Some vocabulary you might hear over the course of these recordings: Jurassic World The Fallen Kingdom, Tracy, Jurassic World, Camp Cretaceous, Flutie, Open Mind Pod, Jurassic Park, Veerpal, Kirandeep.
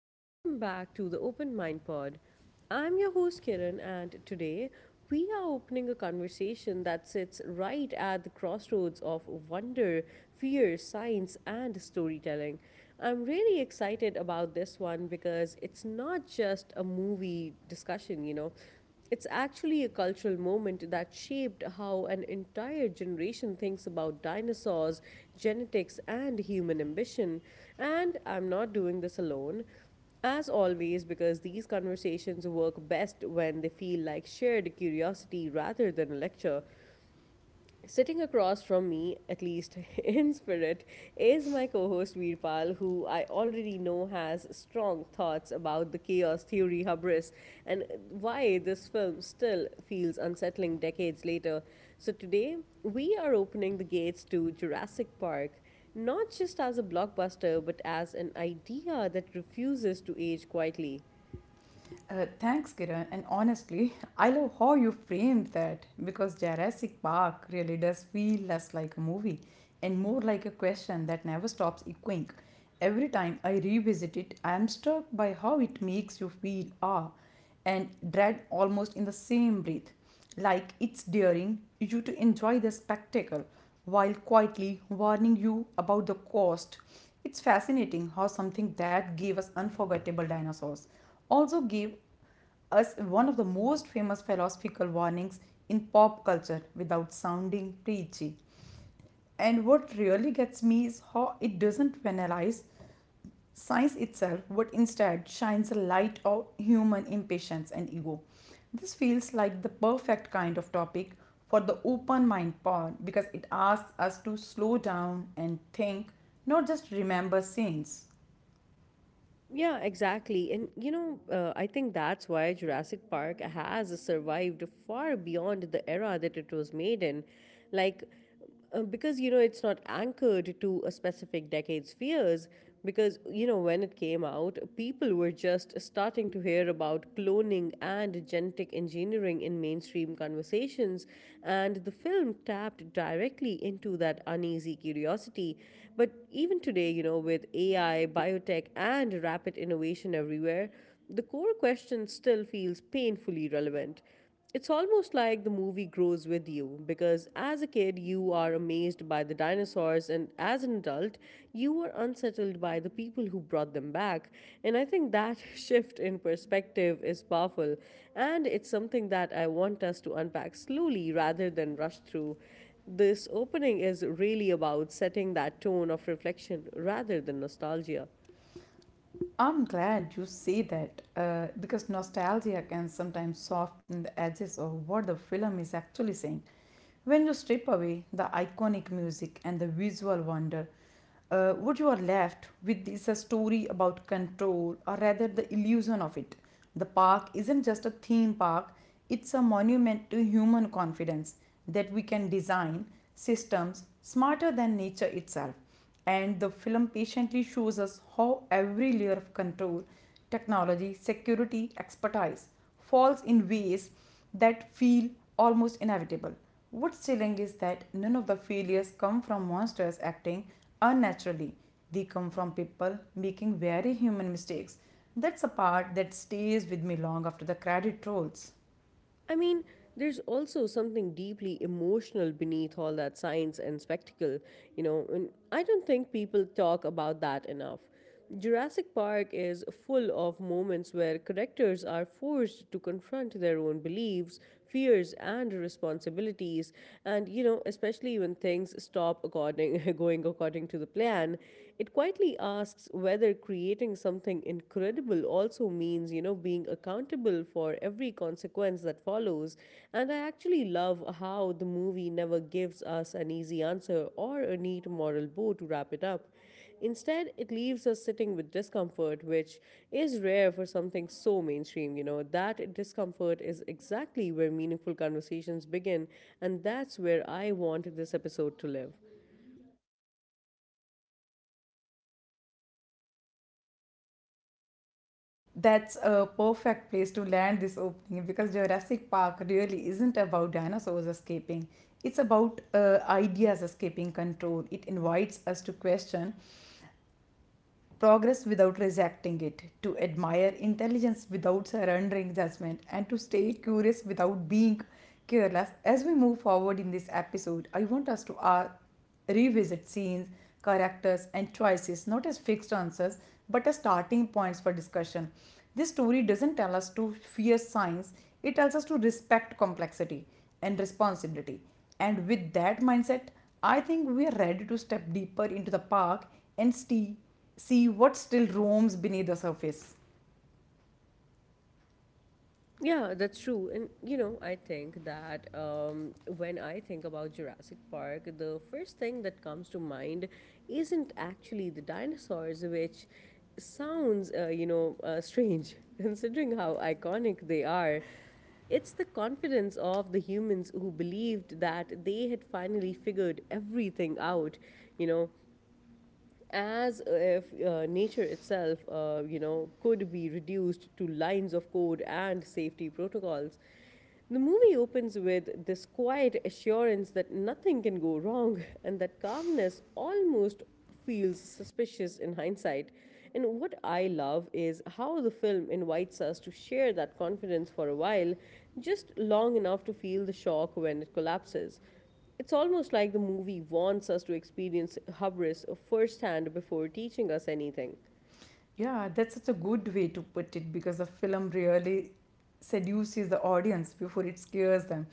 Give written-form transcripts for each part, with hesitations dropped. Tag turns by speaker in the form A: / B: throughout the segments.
A: and welcome back to the Open Mind Pod. I'm your host Kiran, and today we are opening a conversation that sits right at the crossroads of wonder, fear, science, and storytelling. I'm really excited about this one because it's not just a movie discussion, It's actually a cultural moment that shaped how an entire generation thinks about dinosaurs, genetics, and human ambition. And I'm not doing this alone. As always, because these conversations work best when they feel like shared curiosity rather than a lecture, sitting across from me, at least in spirit, is my co host Veerpal, who I already know has strong thoughts about the chaos theory hubris and why this film still feels unsettling decades later. So, today we are opening the gates to Jurassic Park, not just as a blockbuster, but as an idea that refuses to age quietly.
B: Thanks, Kiran. And honestly, I love how you framed that because Jurassic Park really does feel less like a movie and more like a question that never stops echoing. Every time I revisit it, I am struck by how it makes you feel awe and dread almost in the same breath, like it's daring you to enjoy the spectacle while quietly warning you about the cost. It's fascinating how something that gave us unforgettable dinosaurs also gave as one of the most famous philosophical warnings in pop culture without sounding preachy. And what really gets me is how it doesn't penalize science itself, but instead shines a light on human impatience and ego. This feels like the perfect kind of topic for the open mind pod because it asks us to slow down and think, not just remember scenes.
A: Yeah, exactly. And I think that's why Jurassic Park has survived far beyond the era that it was made in. Like, because it's not anchored to a specific decade's fears. Because when it came out, people were just starting to hear about cloning and genetic engineering in mainstream conversations, and the film tapped directly into that uneasy curiosity. But even today, with AI, biotech, and rapid innovation everywhere, the core question still feels painfully relevant. It's almost like the movie grows with you because as a kid you are amazed by the dinosaurs and as an adult you are unsettled by the people who brought them back, and I think that shift in perspective is powerful, and it's something that I want us to unpack slowly rather than rush through. This opening is really about setting that tone of reflection rather than nostalgia.
B: I'm glad you say that because nostalgia can sometimes soften the edges of what the film is actually saying. When you strip away the iconic music and the visual wonder, what you are left with is a story about control, or rather the illusion of it. The park isn't just a theme park, it's a monument to human confidence that we can design systems smarter than nature itself. And the film patiently shows us how every layer of control, technology, security, expertise, falls in ways that feel almost inevitable. What's chilling is that none of the failures come from monsters acting unnaturally. They come from people making very human mistakes. That's a part that stays with me long after the credit rolls.
A: I mean, there's also something deeply emotional beneath all that science and spectacle, and I don't think people talk about that enough. Jurassic Park is full of moments where characters are forced to confront their own beliefs, fears, and responsibilities, and especially when things stop according going according to the plan, it quietly asks whether creating something incredible also means, being accountable for every consequence that follows. And I actually love how the movie never gives us an easy answer or a neat moral bow to wrap it up. Instead, it leaves us sitting with discomfort, which is rare for something so mainstream. That discomfort is exactly where meaningful conversations begin, and that's where I want this episode to live.
B: That's a perfect place to land this opening because Jurassic Park really isn't about dinosaurs escaping. It's about ideas escaping control. It invites us to question progress without rejecting it, to admire intelligence without surrendering judgment, and to stay curious without being careless. As we move forward in this episode, I want us to revisit scenes, characters, and choices not as fixed answers but as starting points for discussion. This story doesn't tell us to fear science, it tells us to respect complexity and responsibility. And with that mindset, I think we are ready to step deeper into the park and see what still roams beneath the surface.
A: Yeah, that's true. And I think that when I think about Jurassic Park, the first thing that comes to mind isn't actually the dinosaurs, which sounds, strange considering how iconic they are. It's the confidence of the humans who believed that they had finally figured everything out. You know, as if nature itself, could be reduced to lines of code and safety protocols. The movie opens with this quiet assurance that nothing can go wrong and that calmness almost feels suspicious in hindsight. And what I love is how the film invites us to share that confidence for a while, just long enough to feel the shock when it collapses. It's almost like the movie wants us to experience hubris firsthand before teaching us anything.
B: Yeah, that's such a good way to put it because the film really seduces the audience before it scares them.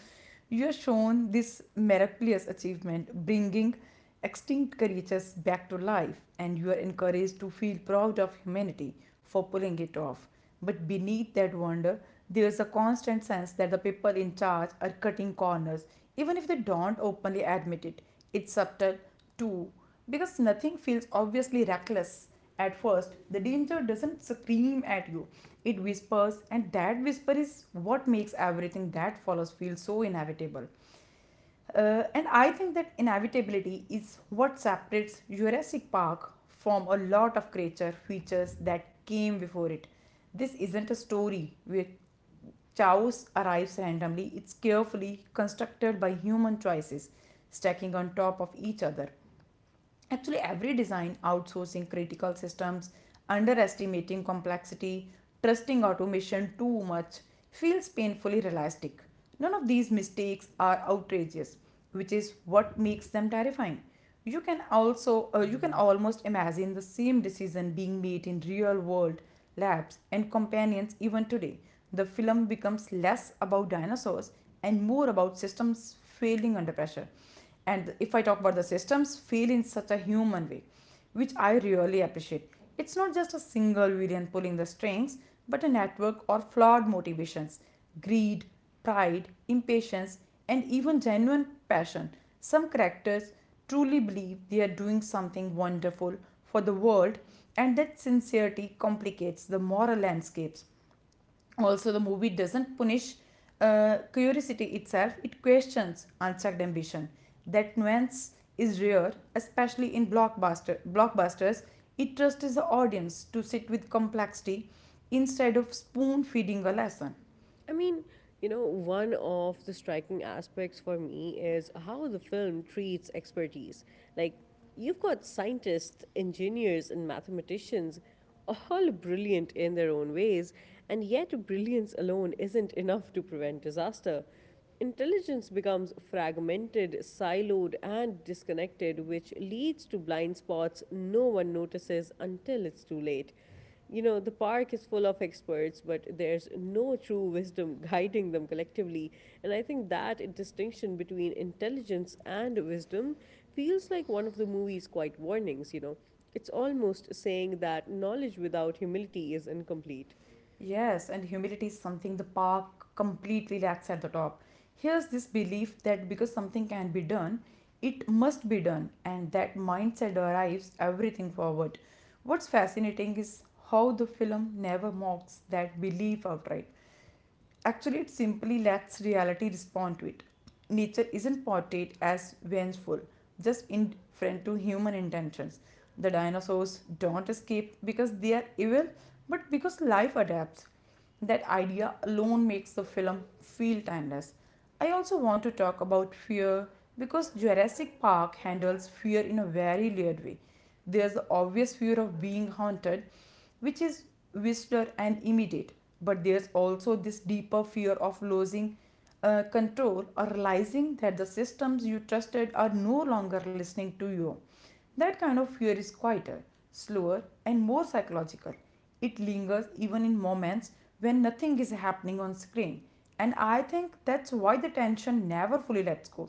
B: You are shown this miraculous achievement, bringing extinct creatures back to life, and you are encouraged to feel proud of humanity for pulling it off. But beneath that wonder, there is a constant sense that the people in charge are cutting corners, even if they don't openly admit it. It's subtle, too, because nothing feels obviously reckless. At first, the danger doesn't scream at you, it whispers, and that whisper is what makes everything that follows feel so inevitable. And I think that inevitability is what separates Jurassic Park from a lot of creature features that came before it. This isn't a story where chaos arrives randomly, it's carefully constructed by human choices stacking on top of each other. Actually, every design outsourcing critical systems, underestimating complexity, trusting automation too much, feels painfully realistic. None of these mistakes are outrageous, which is what makes them terrifying. You can also you can almost imagine the same decision being made in real world labs and companions even today. The film becomes less about dinosaurs and more about systems failing under pressure. And if I talk about the systems, feel in such a human way, which I really appreciate, it's not just a single villain pulling the strings but a network or flawed motivations: greed, pride, impatience, and even genuine passion. Some characters truly believe they are doing something wonderful for the world, and that sincerity complicates the moral landscapes. Also, the movie doesn't punish curiosity itself, it questions unchecked ambition. That nuance is rare, especially in blockbusters. It trusts the audience to sit with complexity instead of spoon feeding a lesson.
A: I mean, one of the striking aspects for me is how the film treats expertise. Like, you've got scientists, engineers, and mathematicians, all brilliant in their own ways, and yet brilliance alone isn't enough to prevent disaster. Intelligence becomes fragmented, siloed, and disconnected, which leads to blind spots no one notices until it's too late. The park is full of experts, but there's no true wisdom guiding them collectively. And I think that distinction between intelligence and wisdom feels like one of the movie's quiet warnings, It's almost saying that knowledge without humility is incomplete.
B: Yes, and humility is something the park completely lacks at the top. Here's this belief that because something can be done, it must be done, and that mindset drives everything forward. What's fascinating is how the film never mocks that belief outright. Actually, it simply lets reality respond to it. Nature isn't portrayed as vengeful, just indifferent to human intentions. The dinosaurs don't escape because they are evil, but because life adapts. That idea alone makes the film feel timeless. I also want to talk about fear because Jurassic Park handles fear in a very layered way. There's the obvious fear of being haunted, which is visceral and immediate, but there's also this deeper fear of losing control, or realizing that the systems you trusted are no longer listening to you. That kind of fear is quieter, slower, and more psychological. It lingers even in moments when nothing is happening on screen. And I think that's why the tension never fully lets go.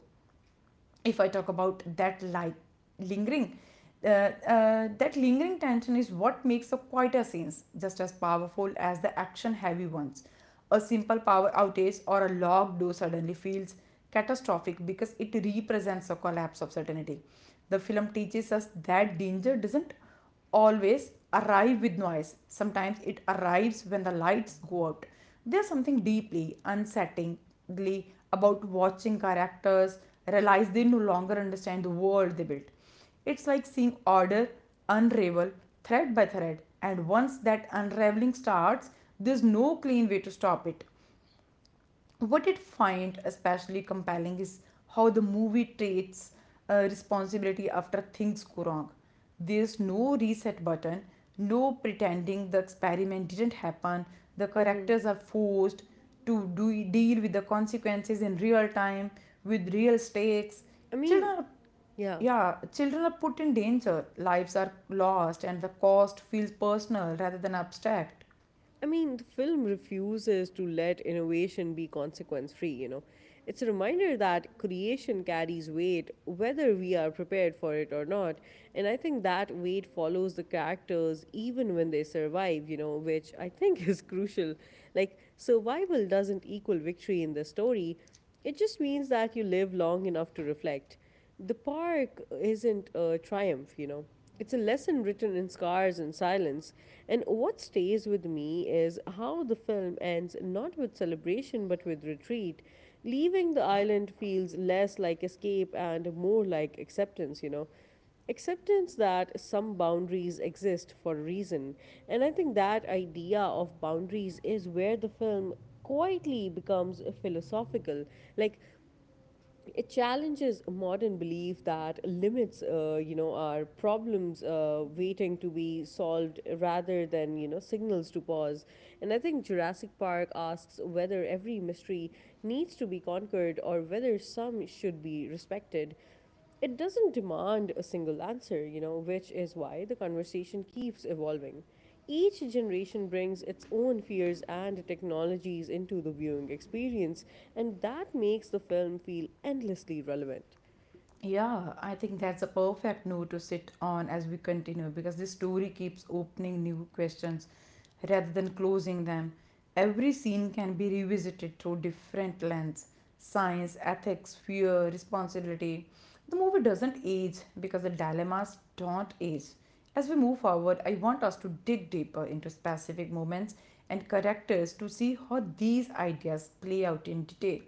B: If I talk about that lingering, that lingering tension is what makes a quieter scenes just as powerful as the action heavy ones. A simple power outage or a locked door suddenly feels catastrophic because it represents a collapse of certainty. The film teaches us that danger doesn't always arrive with noise. Sometimes it arrives when the lights go out. There's something deeply unsettlingly about watching characters realize they no longer understand the world they built. It's like seeing order unravel thread by thread, and once that unraveling starts, there's no clean way to stop it. What it find especially compelling is how the movie treats responsibility after things go wrong. There's no reset button, no pretending the experiment didn't happen. The characters
A: Hmm.
B: are forced to deal with the consequences in real time with real stakes.
A: I
B: Children
A: mean,
B: are
A: yeah.
B: yeah, children are put in danger, lives are lost, and the cost feels personal rather than abstract.
A: I mean, the film refuses to let innovation be consequence free, It's a reminder that creation carries weight whether we are prepared for it or not. And I think that weight follows the characters even when they survive, which I think is crucial. Like, survival doesn't equal victory in the story, it just means that you live long enough to reflect. The park isn't a triumph, It's a lesson written in scars and silence. And what stays with me is how the film ends not with celebration but with retreat. Leaving the island feels less like escape and more like acceptance, Acceptance that some boundaries exist for a reason. And I think that idea of boundaries is where the film quietly becomes philosophical. Like, it challenges modern belief that limits are problems waiting to be solved rather than signals to pause, and I think Jurassic Park asks whether every mystery needs to be conquered or whether some should be respected. It doesn't demand a single answer, which is why the conversation keeps evolving. Each generation brings its own fears and technologies into the viewing experience, and that makes the film feel endlessly relevant.
B: Yeah, I think that's a perfect note to sit on as we continue because this story keeps opening new questions rather than closing them. Every scene can be revisited through different lens: science, ethics, fear, responsibility. The movie doesn't age because the dilemmas don't age. As we move forward, I want us to dig deeper into specific moments and characters to see how these ideas play out in detail.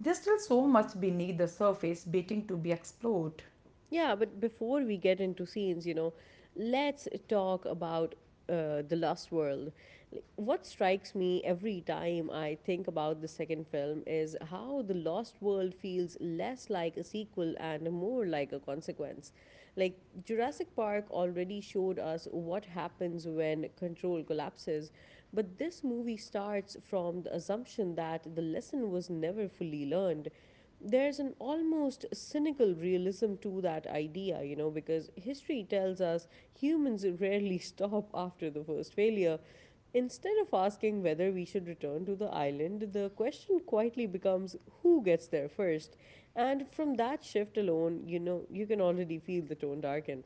B: There's still so much beneath the surface waiting to be explored.
A: Yeah, but before we get into scenes, let's talk about The Lost World. Like, what strikes me every time I think about the second film is how The Lost World feels less like a sequel and more like a consequence. Like, Jurassic Park already showed us what happens when control collapses, but this movie starts from the assumption that the lesson was never fully learned. There's an almost cynical realism to that idea, because history tells us humans rarely stop after the first failure. Instead of asking whether we should return to the island, the question quietly becomes who gets there first. And from that shift alone, you can already feel the tone darken.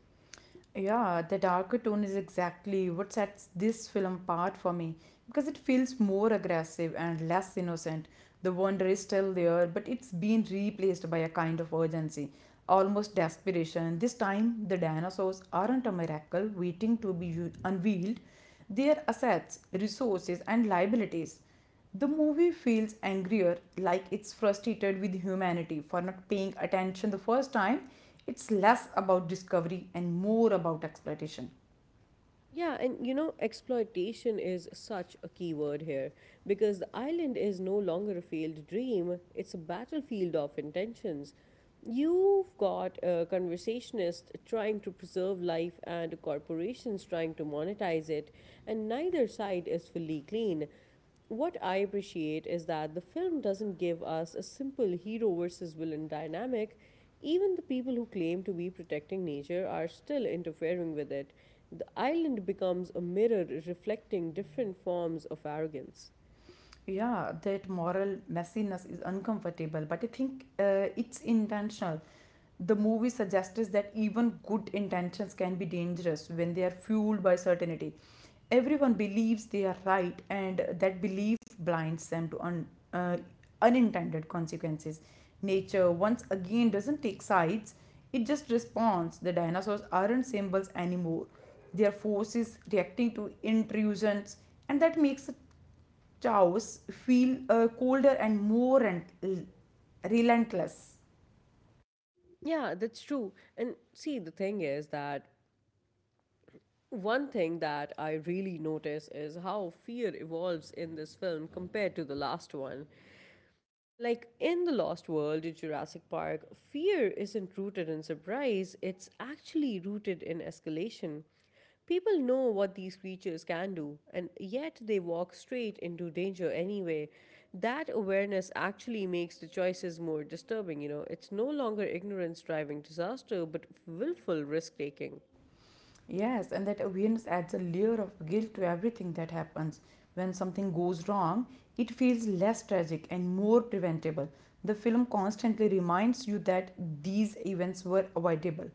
B: Yeah, the darker tone is exactly what sets this film apart for me because it feels more aggressive and less innocent. The wonder is still there, but it's been replaced by a kind of urgency, almost desperation. This time, the dinosaurs aren't a miracle waiting to be unveiled, they are assets, resources, and liabilities. The movie feels angrier, like it's frustrated with humanity for not paying attention the first time. It's less about discovery and more about exploitation.
A: Yeah, and exploitation is such a key word here because the island is no longer a failed dream, it's a battlefield of intentions. You've got a conversationist trying to preserve life and corporations trying to monetize it, and neither side is fully clean. What I appreciate is that the film doesn't give us a simple hero versus villain dynamic. Even the people who claim to be protecting nature are still interfering with it. The island becomes a mirror reflecting different forms of arrogance.
B: Yeah, that moral messiness is uncomfortable, but I think it's intentional. The movie suggests that even good intentions can be dangerous when they are fueled by certainty. Everyone believes they are right, and that belief blinds them to unintended consequences. Nature, once again, doesn't take sides, it just responds. The dinosaurs aren't symbols anymore, they are forces reacting to intrusions, and that makes the chaos feel colder and more relentless.
A: Yeah, that's true. And see, the thing is that one thing that I really notice is how fear evolves in this film compared to the last one. Like in The Lost World in Jurassic Park, fear isn't rooted in surprise, it's actually rooted in escalation. People know what these creatures can do, and yet they walk straight into danger anyway. That awareness actually makes the choices more disturbing, It's no longer ignorance driving disaster, but willful risk taking.
B: Yes, and that awareness adds a layer of guilt to everything that happens. When something goes wrong, it feels less tragic and more preventable. The film constantly reminds you that these events were avoidable,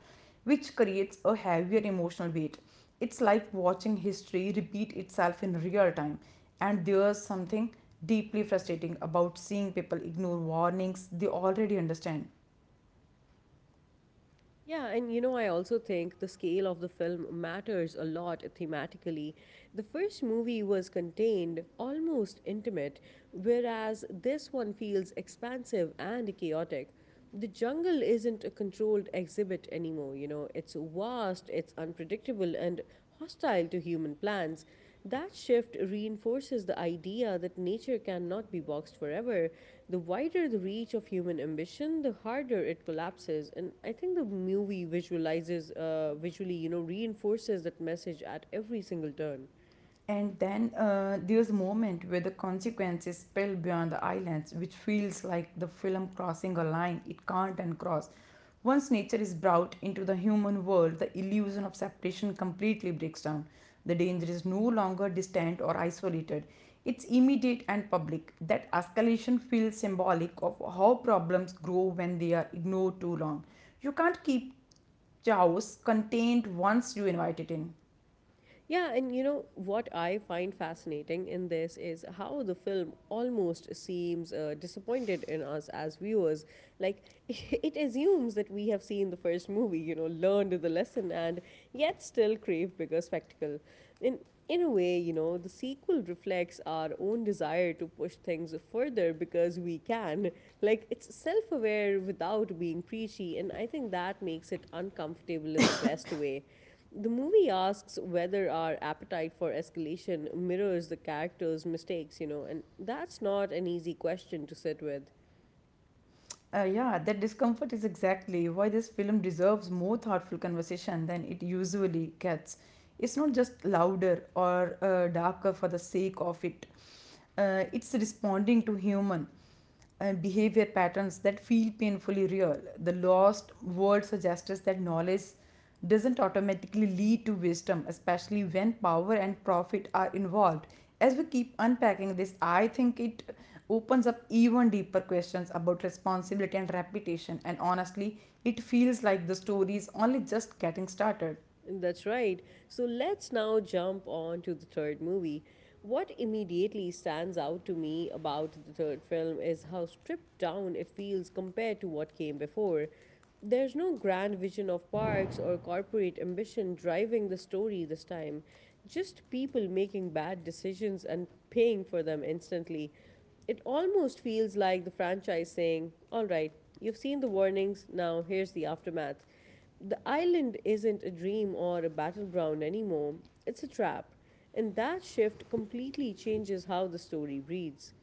B: which creates a heavier emotional weight. It's like watching history repeat itself in real time, and there's something deeply frustrating about seeing people ignore warnings they already understand.
A: Yeah, and I also think the scale of the film matters a lot thematically. The first movie was contained, almost intimate, whereas this one feels expansive and chaotic. The jungle isn't a controlled exhibit anymore, it's vast, it's unpredictable, and hostile to human plans. That shift reinforces the idea that nature cannot be boxed forever. The wider the reach of human ambition, the harder it collapses. And I think the movie visually, reinforces that message at every single turn.
B: And then there's a moment where the consequences spill beyond the islands, which feels like the film crossing a line it can't uncross. Once nature is brought into the human world, the illusion of separation completely breaks down. The danger is no longer distant or isolated. It's immediate and public. That escalation feels symbolic of how problems grow when they are ignored too long. You can't keep chaos contained once you invite it in.
A: Yeah, and what I find fascinating in this is how the film almost seems disappointed in us as viewers. Like, it assumes that we have seen the first movie, learned the lesson, and yet still crave bigger spectacle. In, in a way, the sequel reflects our own desire to push things further because we can. Like, it's self aware without being preachy, and I think that makes it uncomfortable in the best way. The movie asks whether our appetite for escalation mirrors the character's mistakes, and that's not an easy question to sit with.
B: Yeah, that discomfort is exactly why this film deserves more thoughtful conversation than it usually gets. It's not just louder or darker for the sake of it, it's responding to human behavior patterns that feel painfully real. The lost world suggests us that knowledge doesn't automatically lead to wisdom, especially when power and profit are involved. As we keep unpacking this, I think it opens up even deeper questions about responsibility and reputation, and honestly, it feels like the story is only just getting started.
A: That's right. So let's now jump on to the third movie. What immediately stands out to me about the third film is how stripped down it feels compared to what came before. There's no grand vision of parks or corporate ambition driving the story this time, just people making bad decisions and paying for them instantly. It almost feels like the franchise saying, "All right, you've seen the warnings, now here's the aftermath." The island isn't a dream or a battleground anymore, it's a trap. And that shift completely changes how the story breathes.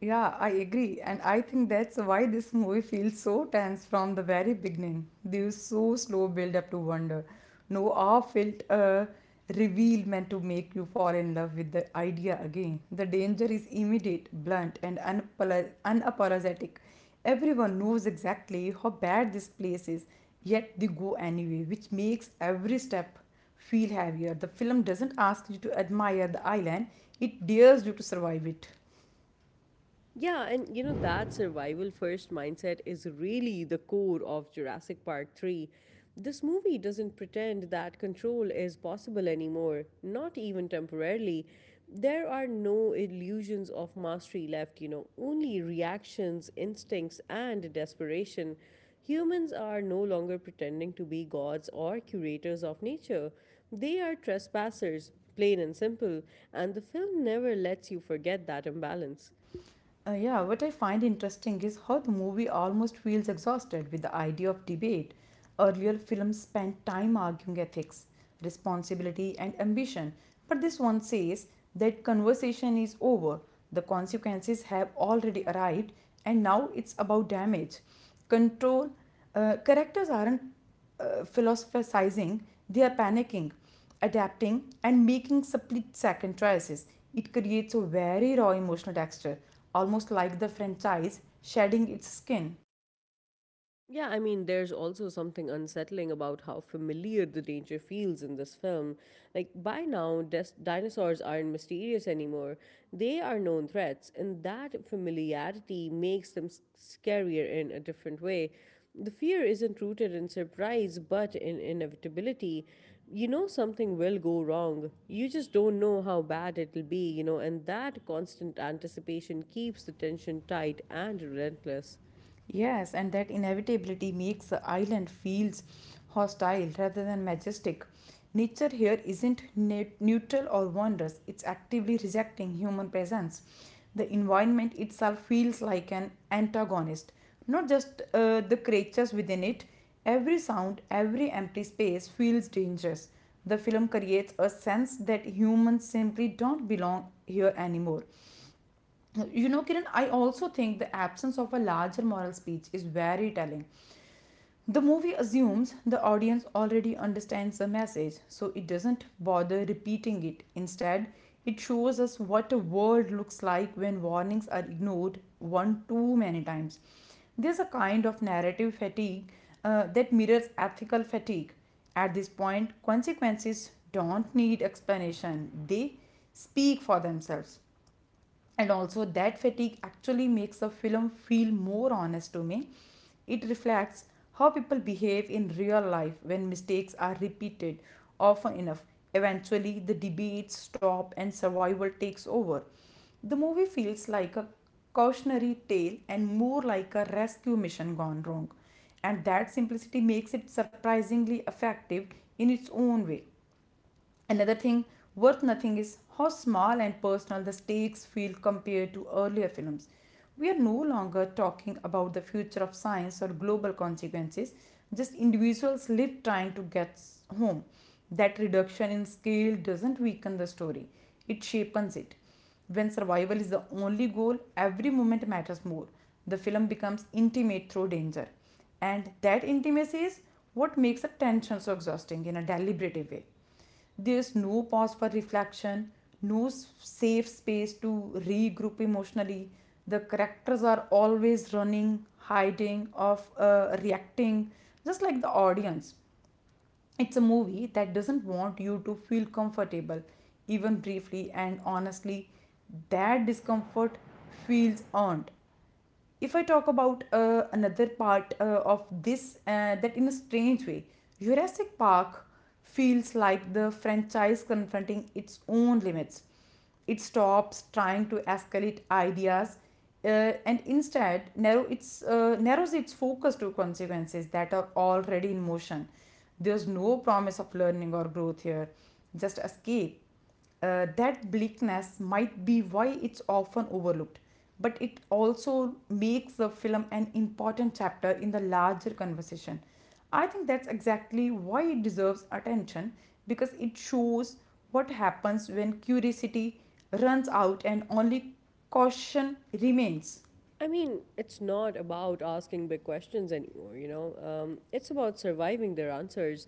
B: Yeah, I agree. And I think that's why this movie feels so tense from the very beginning. There is so slow build up to wonder. No awe felt a reveal meant to make you fall in love with the idea again. The danger is immediate, blunt, and unapologetic. Everyone knows exactly how bad this place is, yet they go anyway, which makes every step feel heavier. The film doesn't ask you to admire the island, it dares you to survive it.
A: Yeah, and that survival first mindset is really the core of Jurassic Park 3. This movie doesn't pretend that control is possible anymore, not even temporarily. There are no illusions of mastery left, you know, only reactions, instincts, and desperation. Humans are no longer pretending to be gods or curators of nature. They are trespassers, plain and simple, and the film never lets you forget that imbalance.
B: Yeah, what I find interesting is how the movie almost feels exhausted with the idea of debate. Earlier films spent time arguing ethics, responsibility, and ambition, but this one says that conversation is over, the consequences have already arrived, and now it's about damage. Control characters aren't philosophizing, they are panicking, adapting, and making split second choices. It creates a very raw emotional texture, almost like the franchise shedding its skin.
A: Yeah, there's also something unsettling about how familiar the danger feels in this film. Like, by now, dinosaurs aren't mysterious anymore. They are known threats, and that familiarity makes them scarier in a different way. The fear isn't rooted in surprise, but in inevitability. You know, something will go wrong. You just don't know how bad it'll be, you know, and that constant anticipation keeps the tension tight and relentless.
B: Yes, and that inevitability makes the island feels hostile rather than majestic. Nature here isn't neutral or wondrous, it's actively rejecting human presence. The environment itself feels like an antagonist, not just the creatures within it. Every sound, every empty space feels dangerous. The film creates a sense that humans simply don't belong here anymore. You know, Kiran, I also think the absence of a larger moral speech is very telling. The movie assumes the audience already understands the message, so it doesn't bother repeating it. Instead, it shows us what a world looks like when warnings are ignored one too many times. There's a kind of narrative fatigue that mirrors ethical fatigue. At this point, consequences don't need explanation, they speak for themselves. And also, that fatigue actually makes a film feel more honest to me. It reflects how people behave in real life when mistakes are repeated often enough. Eventually the debates stop and survival takes over. The movie feels like a cautionary tale and more like a rescue mission gone wrong, and that simplicity makes it surprisingly effective in its own way. Another thing worth noting is how small and personal the stakes feel compared to earlier films. We are no longer talking about the future of science or global consequences, just individuals live trying to get home. That reduction in scale doesn't weaken the story, it shapens it. When survival is the only goal, every moment matters more. The film becomes intimate through danger. And that intimacy is what makes a tension so exhausting in a deliberative way. There's no pause for reflection, no safe space to regroup emotionally. The characters are always running, hiding, of reacting, just like the audience. It's a movie that doesn't want you to feel comfortable, even briefly, and honestly, that discomfort feels earned. If I talk about another part of this, that in a strange way Jurassic Park feels like the franchise confronting its own limits. It stops trying to escalate ideas, and instead narrows its focus to consequences that are already in motion. There's no promise of learning or growth here, just escape. That bleakness might be why it's often overlooked, but it also makes the film an important chapter in the larger conversation. I think that's exactly why it deserves attention, because it shows what happens when curiosity runs out and only caution remains.
A: It's not about asking big questions anymore, you know. It's about surviving their answers.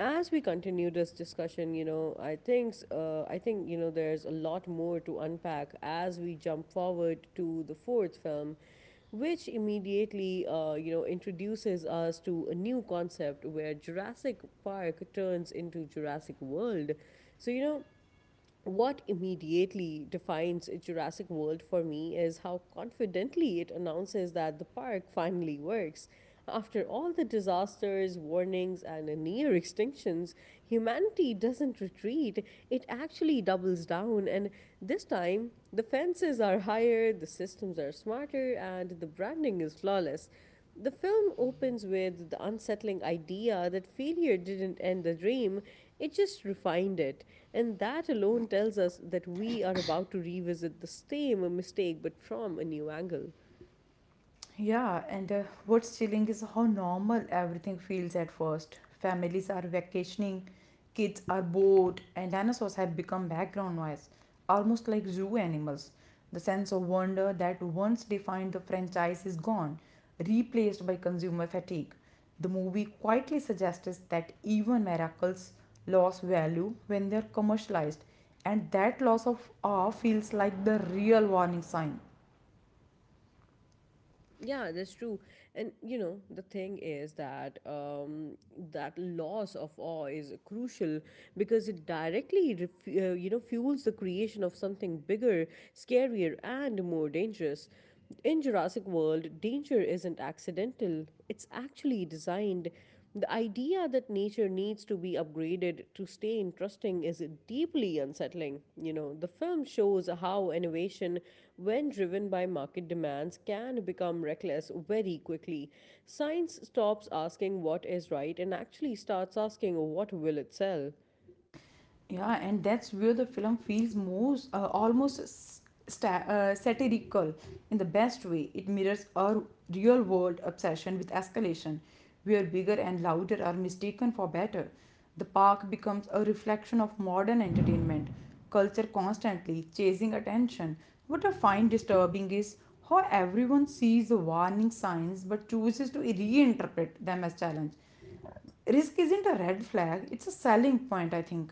A: As we continue this discussion, you know, I think you know there's a lot more to unpack as we jump forward to the fourth film, which immediately you know introduces us to a new concept where Jurassic Park turns into Jurassic World. So you know what immediately defines Jurassic World for me is how confidently it announces that the park finally works. After all the disasters, warnings, and near extinctions, humanity doesn't retreat, it actually doubles down. And this time, the fences are higher, the systems are smarter, and the branding is flawless. The film opens with the unsettling idea that failure didn't end the dream, it just refined it. And that alone tells us that we are about to revisit the same mistake but from a new angle.
B: Yeah, and what's chilling is how normal everything feels at first. Families are vacationing, kids are bored, and dinosaurs have become background noise, almost like zoo animals. The sense of wonder that once defined the franchise is gone, replaced by consumer fatigue. The movie quietly suggests that even miracles lose value when they're commercialized, and that loss of awe feels like the real warning sign.
A: Yeah, that's true. And you know, the thing is that that loss of awe is crucial because it directly you know fuels the creation of something bigger, scarier, and more dangerous. In Jurassic World, danger isn't accidental. It's actually designed. The idea that nature needs to be upgraded to stay interesting is deeply unsettling. You know, the film shows how innovation, when driven by market demands, can become reckless very quickly. Science stops asking what is right and actually starts asking what will it sell.
B: Yeah, and that's where the film feels most almost satirical in the best way. It mirrors our real world obsession with escalation, where bigger and louder are mistaken for better. The park becomes a reflection of modern entertainment, culture constantly chasing attention. What I find disturbing is how everyone sees the warning signs but chooses to reinterpret them as challenge. Risk isn't a red flag, it's a selling point, I think.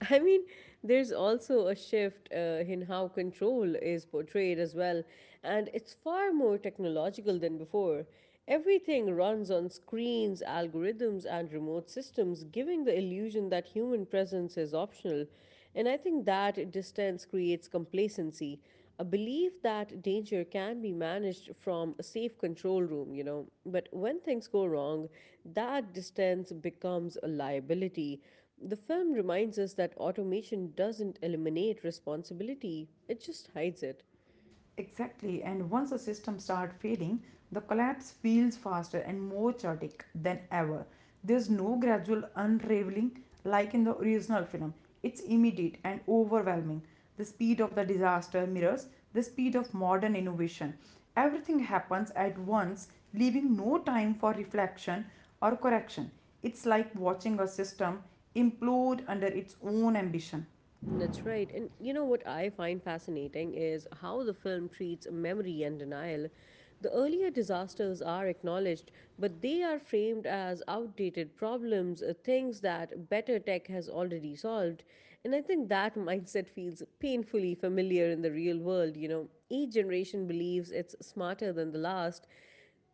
A: I mean, there's also a shift in how control is portrayed as well, and it's far more technological than before. Everything runs on screens, algorithms, and remote systems, giving the illusion that human presence is optional. And I think that distance creates complacency, a belief that danger can be managed from a safe control room, you know. But when things go wrong, that distance becomes a liability. The film reminds us that automation doesn't eliminate responsibility, it just hides it.
B: Exactly, and once the system starts failing, the collapse feels faster and more chaotic than ever. There's no gradual unraveling like in the original film. It's immediate and overwhelming. The speed of the disaster mirrors the speed of modern innovation. Everything happens at once, leaving no time for reflection or correction. It's like watching a system implode under its own ambition.
A: That's right. And you know what I find fascinating is how the film treats memory and denial. The earlier disasters are acknowledged, but they are framed as outdated problems, things that better tech has already solved. And I think that mindset feels painfully familiar in the real world. You know, each generation believes it's smarter than the last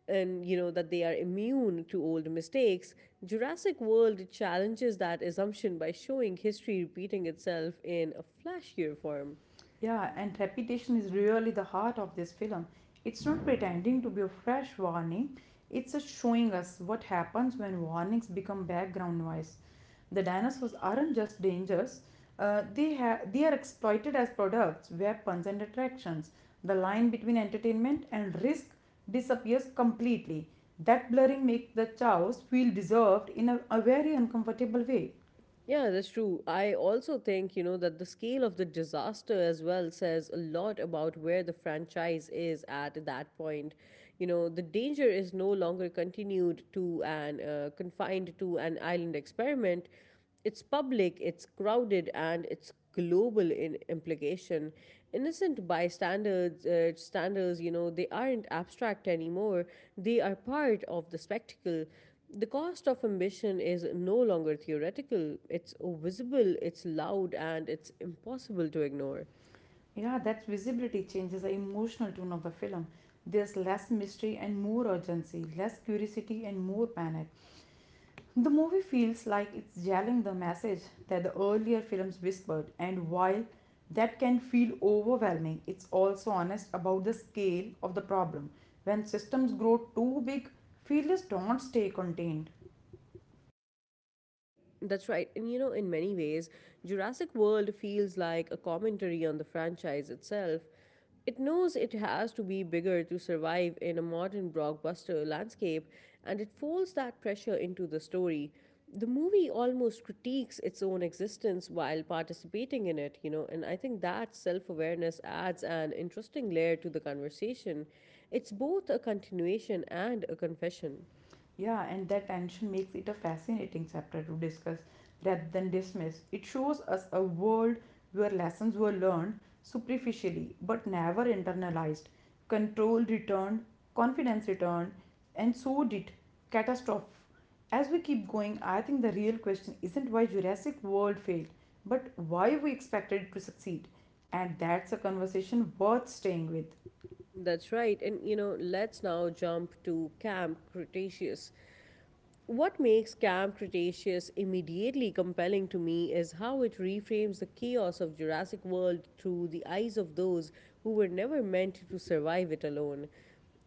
A: and you know that they are immune to old mistakes, Jurassic World challenges that assumption by showing history repeating itself in a flashier form.
B: Yeah, and repetition is really the heart of this film. It's not pretending to be a fresh warning, it's just showing us what happens when warnings become background noise. The dinosaurs aren't just dangers, they are exploited as products, weapons, and attractions. The line between entertainment and risk disappears completely. That blurring makes the chaos feel deserved in a very uncomfortable way.
A: Yeah, that's true. I also think, you know, that the scale of the disaster as well says a lot about where the franchise is at that point. You know, the danger is no longer continued to and confined to an island experiment. It's public, it's crowded, and it's global in implication. Innocent standers, you know, they aren't abstract anymore. They are part of the spectacle. The cost of ambition is no longer theoretical, it's visible, it's loud, and it's impossible to ignore.
B: Yeah, that visibility changes the emotional tone of the film. There's less mystery and more urgency, less curiosity and more panic. The movie feels like it's yelling the message that the earlier films whispered, and while that can feel overwhelming, it's also honest about the scale of the problem. When systems grow too big, failures don't stay contained.
A: That's right. And you know, in many ways, Jurassic World feels like a commentary on the franchise itself. It knows it has to be bigger to survive in a modern blockbuster landscape, and it folds that pressure into the story. The movie almost critiques its own existence while participating in it, you know, and I think that self awareness adds an interesting layer to the conversation. It's both a continuation and a confession.
B: Yeah, and that tension makes it a fascinating chapter to discuss rather than dismiss. It shows us a world where lessons were learned superficially but never internalized. Control returned, confidence returned, and so did catastrophe. As we keep going, I think the real question isn't why Jurassic World failed, but why we expected it to succeed. And that's a conversation worth staying with.
A: That's right. And you know, let's now jump to Camp Cretaceous. What makes Camp Cretaceous immediately compelling to me is how it reframes the chaos of Jurassic World through the eyes of those who were never meant to survive it alone.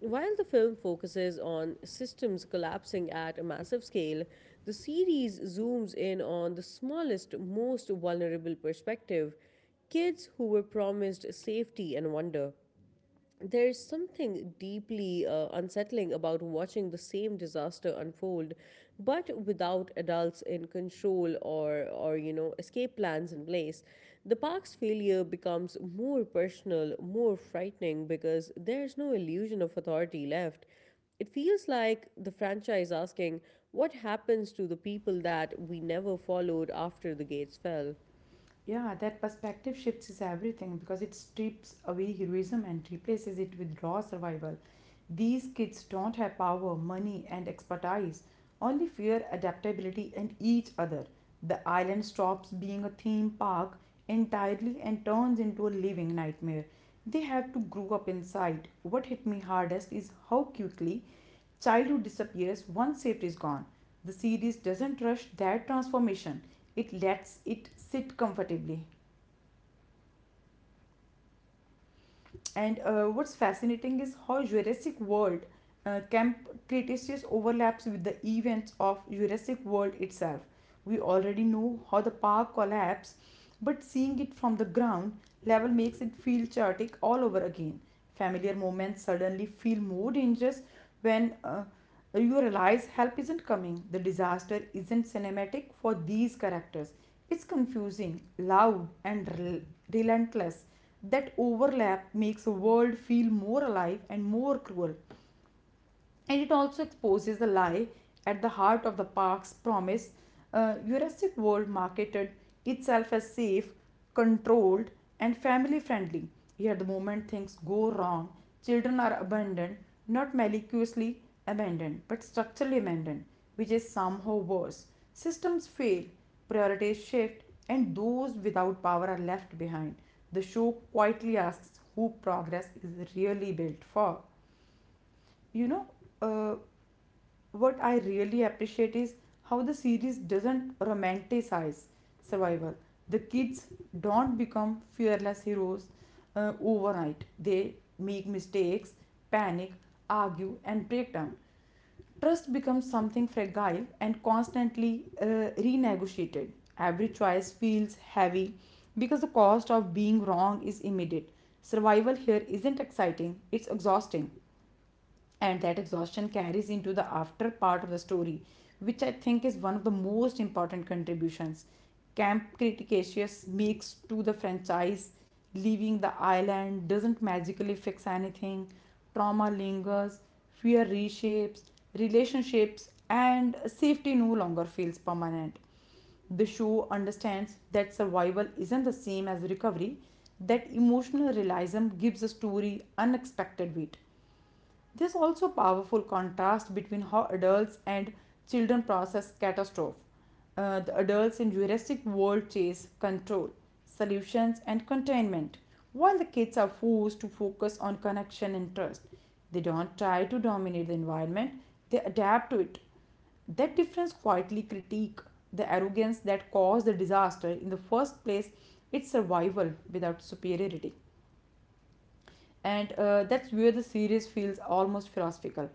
A: While the film focuses on systems collapsing at a massive scale, the series zooms in on the smallest, most vulnerable perspective kids who were promised safety and wonder. There's something deeply unsettling about watching the same disaster unfold, but without adults in control or you know, escape plans in place. The park's failure becomes more personal, more frightening because there's no illusion of authority left. It feels like the franchise asking, what happens to the people that we never followed after the gates fell?
B: Yeah, that perspective shifts is everything because it strips away heroism and replaces it with raw survival. These kids don't have power, money, and expertise, only fear, adaptability, and each other. The island stops being a theme park entirely and turns into a living nightmare. They have to grow up inside. What hit me hardest is how quickly childhood disappears once safety is gone. The series doesn't rush that transformation, it lets it sit comfortably. And what's fascinating is how Jurassic World Camp Cretaceous overlaps with the events of Jurassic World itself. We already know how the park collapsed, but seeing it from the ground level makes it feel chaotic all over again. Familiar moments suddenly feel more dangerous when you realize help isn't coming. The disaster isn't cinematic for these characters. It's confusing, loud, and relentless. That overlap makes the world feel more alive and more cruel. And it also exposes the lie at the heart of the park's promise. Jurassic World marketed itself as safe, controlled, and family friendly. Yet, the moment things go wrong, children are abandoned, not maliciously abandoned, but structurally abandoned, which is somehow worse. Systems fail, priorities shift, and those without power are left behind. The show quietly asks who progress is really built for. You know, uh, what I really appreciate is how the series doesn't romanticize survival. The kids don't become fearless heroes overnight. They make mistakes, panic, argue, and break down. Trust becomes something fragile and constantly renegotiated. Every choice feels heavy because the cost of being wrong is immediate. Survival here isn't exciting, it's exhausting, and that exhaustion carries into the after part of the story, which I think is one of the most important contributions Camp Cretaceous makes to the franchise. Leaving the island doesn't magically fix anything. Trauma lingers, fear reshapes relationships, and safety no longer feels permanent. The show understands that survival isn't the same as recovery. That emotional realism gives a story unexpected weight. There's also powerful contrast between how adults and children process catastrophe. The adults in Jurassic World chase control, solutions, and containment, while the kids are forced to focus on connection and trust. They don't try to dominate the environment; they adapt to it. That difference quietly critique the arrogance that caused the disaster in the first place. It's survival without superiority, and that's where the series feels almost philosophical.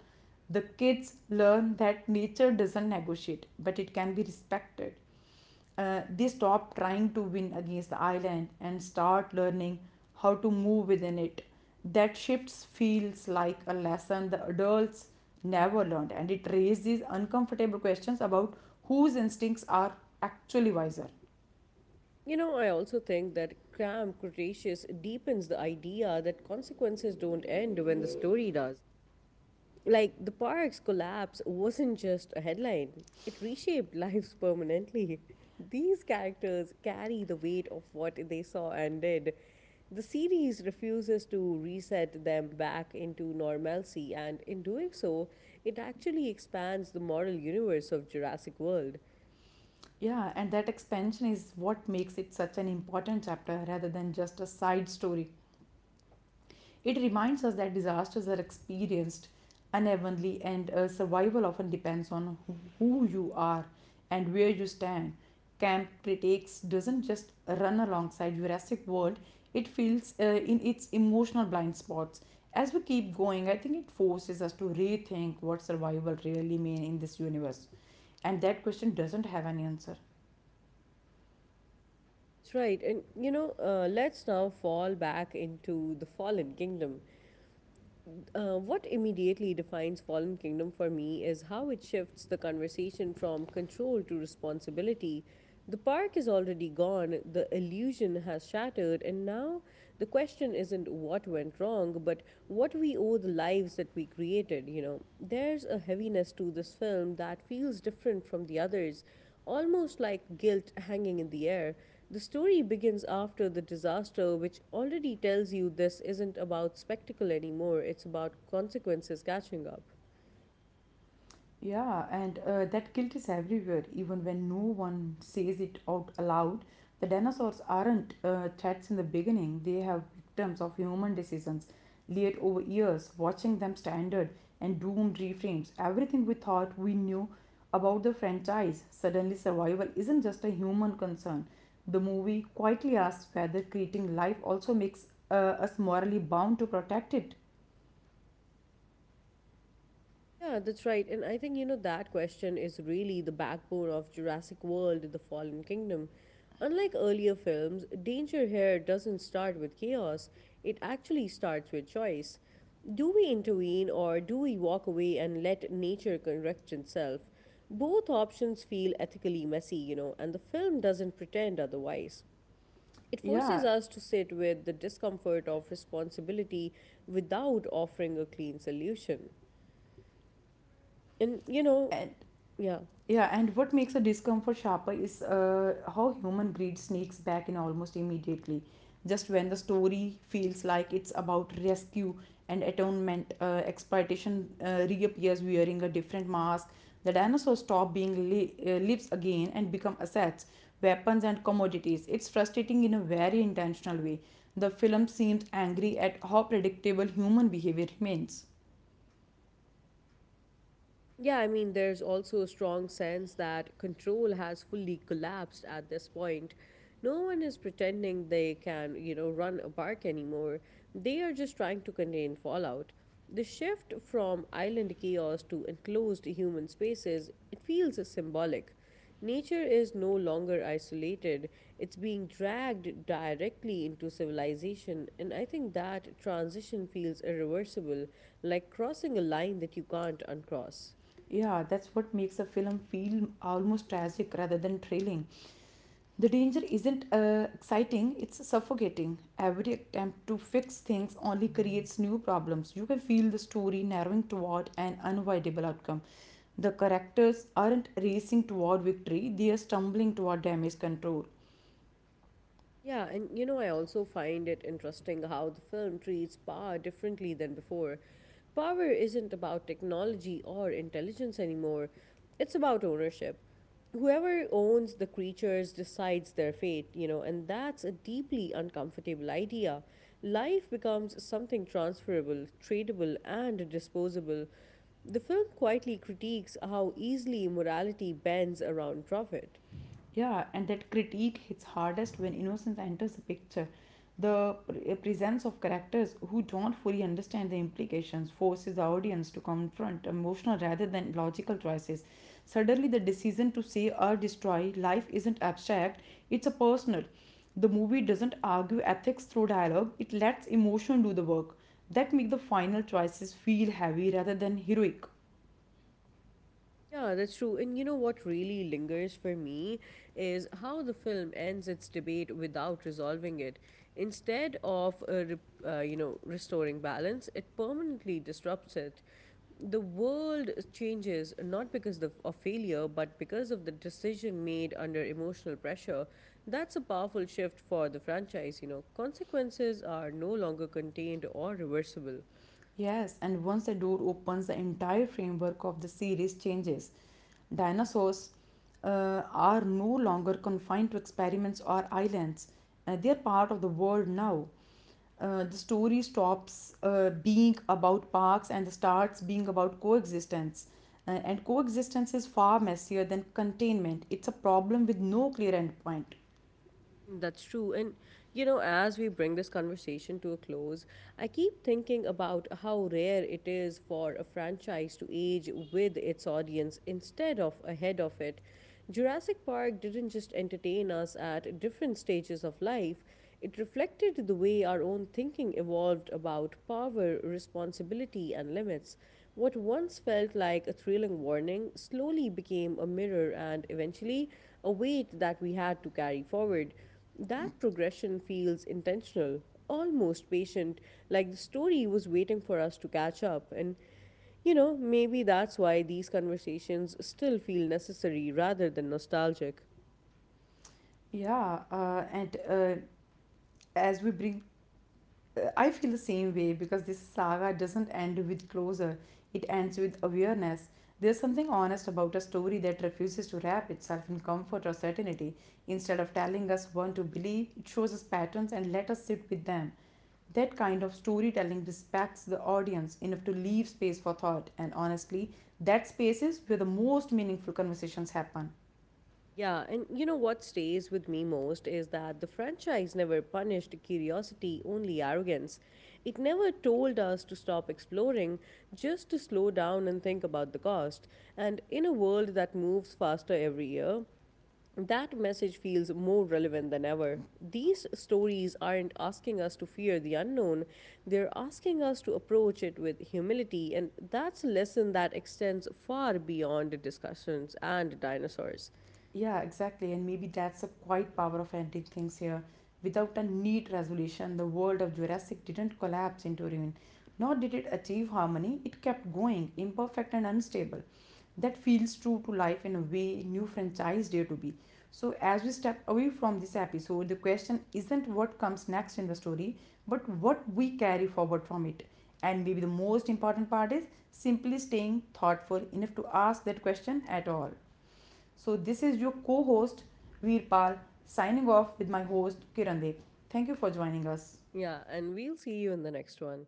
B: The kids learn that nature doesn't negotiate, but it can be respected. They stop trying to win against the island and start learning how to move within it. That shift feels like a lesson the adults never learned, and it raises uncomfortable questions about whose instincts are actually wiser.
A: You know, I also think that Cram Cretaceous deepens the idea that consequences don't end when the story does. Like, the park's collapse wasn't just a headline, it reshaped lives permanently. These characters carry the weight of what they saw and did. The series refuses to reset them back into normalcy, and in doing so, it actually expands the moral universe of Jurassic World.
B: Yeah, and that expansion is what makes it such an important chapter rather than just a side story. It reminds us that disasters are experienced unevenly, and survival often depends on who you are and where you stand. Camp Critics doesn't just run alongside Jurassic World, it feels in its emotional blind spots. As we keep going, I think it forces us to rethink what survival really means in this universe. And that question doesn't have an answer.
A: That's right. And you know, let's now fall back into the Fallen Kingdom. What immediately defines Fallen Kingdom for me is how it shifts the conversation from control to responsibility. The park is already gone, the illusion has shattered, and now the question isn't what went wrong, but what we owe the lives that we created, you know. There's a heaviness to this film that feels different from the others almost like guilt hanging in the air. The story begins after the disaster, which already tells you this isn't about spectacle anymore, it's about consequences catching up.
B: Yeah, and that guilt is everywhere, even when no one says it out aloud. The dinosaurs aren't threats in the beginning, they have victims of human decisions, laid over years, watching them standard and doomed reframes. Everything we thought we knew about the franchise, suddenly survival isn't just a human concern. The movie quietly asks whether creating life also makes us morally bound to protect it.
A: Yeah, that's right. And I think, you know, that question is really the backbone of Jurassic World The Fallen Kingdom. Unlike earlier films, danger here doesn't start with chaos, it actually starts with choice. Do we intervene or do we walk away and let nature correct itself? Both options feel ethically messy, you know, and the film doesn't pretend otherwise. It forces
B: Yeah,
A: us to sit with the discomfort of responsibility without offering a clean solution. And you know,
B: and
A: yeah.
B: Yeah, and what makes the discomfort sharper is how human greed sneaks back in almost immediately. Just when the story feels like it's about rescue and atonement, exploitation reappears wearing a different mask. The dinosaurs stop being lives again and become assets, weapons, and commodities. It's frustrating in a very intentional way. The film seems angry at how predictable human behavior remains.
A: Yeah, there's also a strong sense that control has fully collapsed at this point. No one is pretending they can, you know, run a park anymore. They are just trying to contain fallout. The shift from island chaos to enclosed human spaces, it feels symbolic. Nature is no longer isolated. It's being dragged directly into civilization, and I think that transition feels irreversible, like crossing a line that you can't uncross.
B: Yeah, that's what makes a film feel almost tragic rather than thrilling. The danger isn't exciting, it's suffocating. Every attempt to fix things only creates new problems. You can feel the story narrowing toward an unavoidable outcome. The characters aren't racing toward victory, they are stumbling toward damage control.
A: Yeah, and you know, I also find it interesting how the film treats power differently than before. Power isn't about technology or intelligence anymore, it's about ownership. Whoever owns the creatures decides their fate, you know, and that's a deeply uncomfortable idea. Life becomes something transferable, tradable, and disposable. The film quietly critiques how easily morality bends around profit.
B: Yeah, and that critique hits hardest when innocence enters the picture. The presence of characters who don't fully understand the implications forces the audience to confront emotional rather than logical choices. Suddenly, the decision to save or destroy life isn't abstract, it's a personal. The movie doesn't argue ethics through dialogue, it lets emotion do the work. That make the final choices feel heavy rather than heroic.
A: Yeah, that's true. And you know what really lingers for me is how the film ends its debate without resolving it. Instead of you know restoring balance, it permanently disrupts it. The world changes not because of failure, but because of the decision made under emotional pressure. That's a powerful shift for the franchise. You know, consequences are no longer contained or reversible.
B: Yes, and once the door opens, the entire framework of the series changes. Dinosaurs are no longer confined to experiments or islands. They are part of the world now. The story stops being about parks and starts being about coexistence. And coexistence is far messier than containment. It's a problem with no clear endpoint.
A: That's true. And, you know, as we bring this conversation to a close, I keep thinking about how rare it is for a franchise to age with its audience instead of ahead of it. Jurassic Park didn't just entertain us at different stages of life, it reflected the way our own thinking evolved about power, responsibility, and limits. What once felt like a thrilling warning slowly became a mirror and eventually a weight that we had to carry forward. That progression feels intentional, almost patient, like the story was waiting for us to catch up. And, you know, maybe that's why these conversations still feel necessary rather than nostalgic.
B: Yeah, and as we bring I feel the same way because this saga doesn't end with closure, it ends with awareness. There's something honest about a story that refuses to wrap itself in comfort or certainty. Instead of telling us what to believe, it shows us patterns and let us sit with them. That kind of storytelling respects the audience enough to leave space for thought, and honestly, that space is where the most meaningful conversations happen.
A: Yeah, and you know what stays with me most is that the franchise never punished curiosity, only arrogance. It never told us to stop exploring, just to slow down and think about the cost. And in a world that moves faster every year, that message feels more relevant than ever. These stories aren't asking us to fear the unknown, they're asking us to approach it with humility, and that's a lesson that extends far beyond discussions and dinosaurs.
B: Yeah, exactly. And maybe that's the quiet power of ending things here. Without a neat resolution, the world of Jurassic didn't collapse into ruin. Nor did it achieve harmony, it kept going, imperfect and unstable. That feels true to life in a way new franchise dare to be. So, as we step away from this episode, the question isn't what comes next in the story, but what we carry forward from it. And maybe the most important part is simply staying thoughtful enough to ask that question at all. So, this is your co host Veerpal signing off with my host Kirandeep. Thank you for joining us.
A: Yeah, and we'll see you in the next one.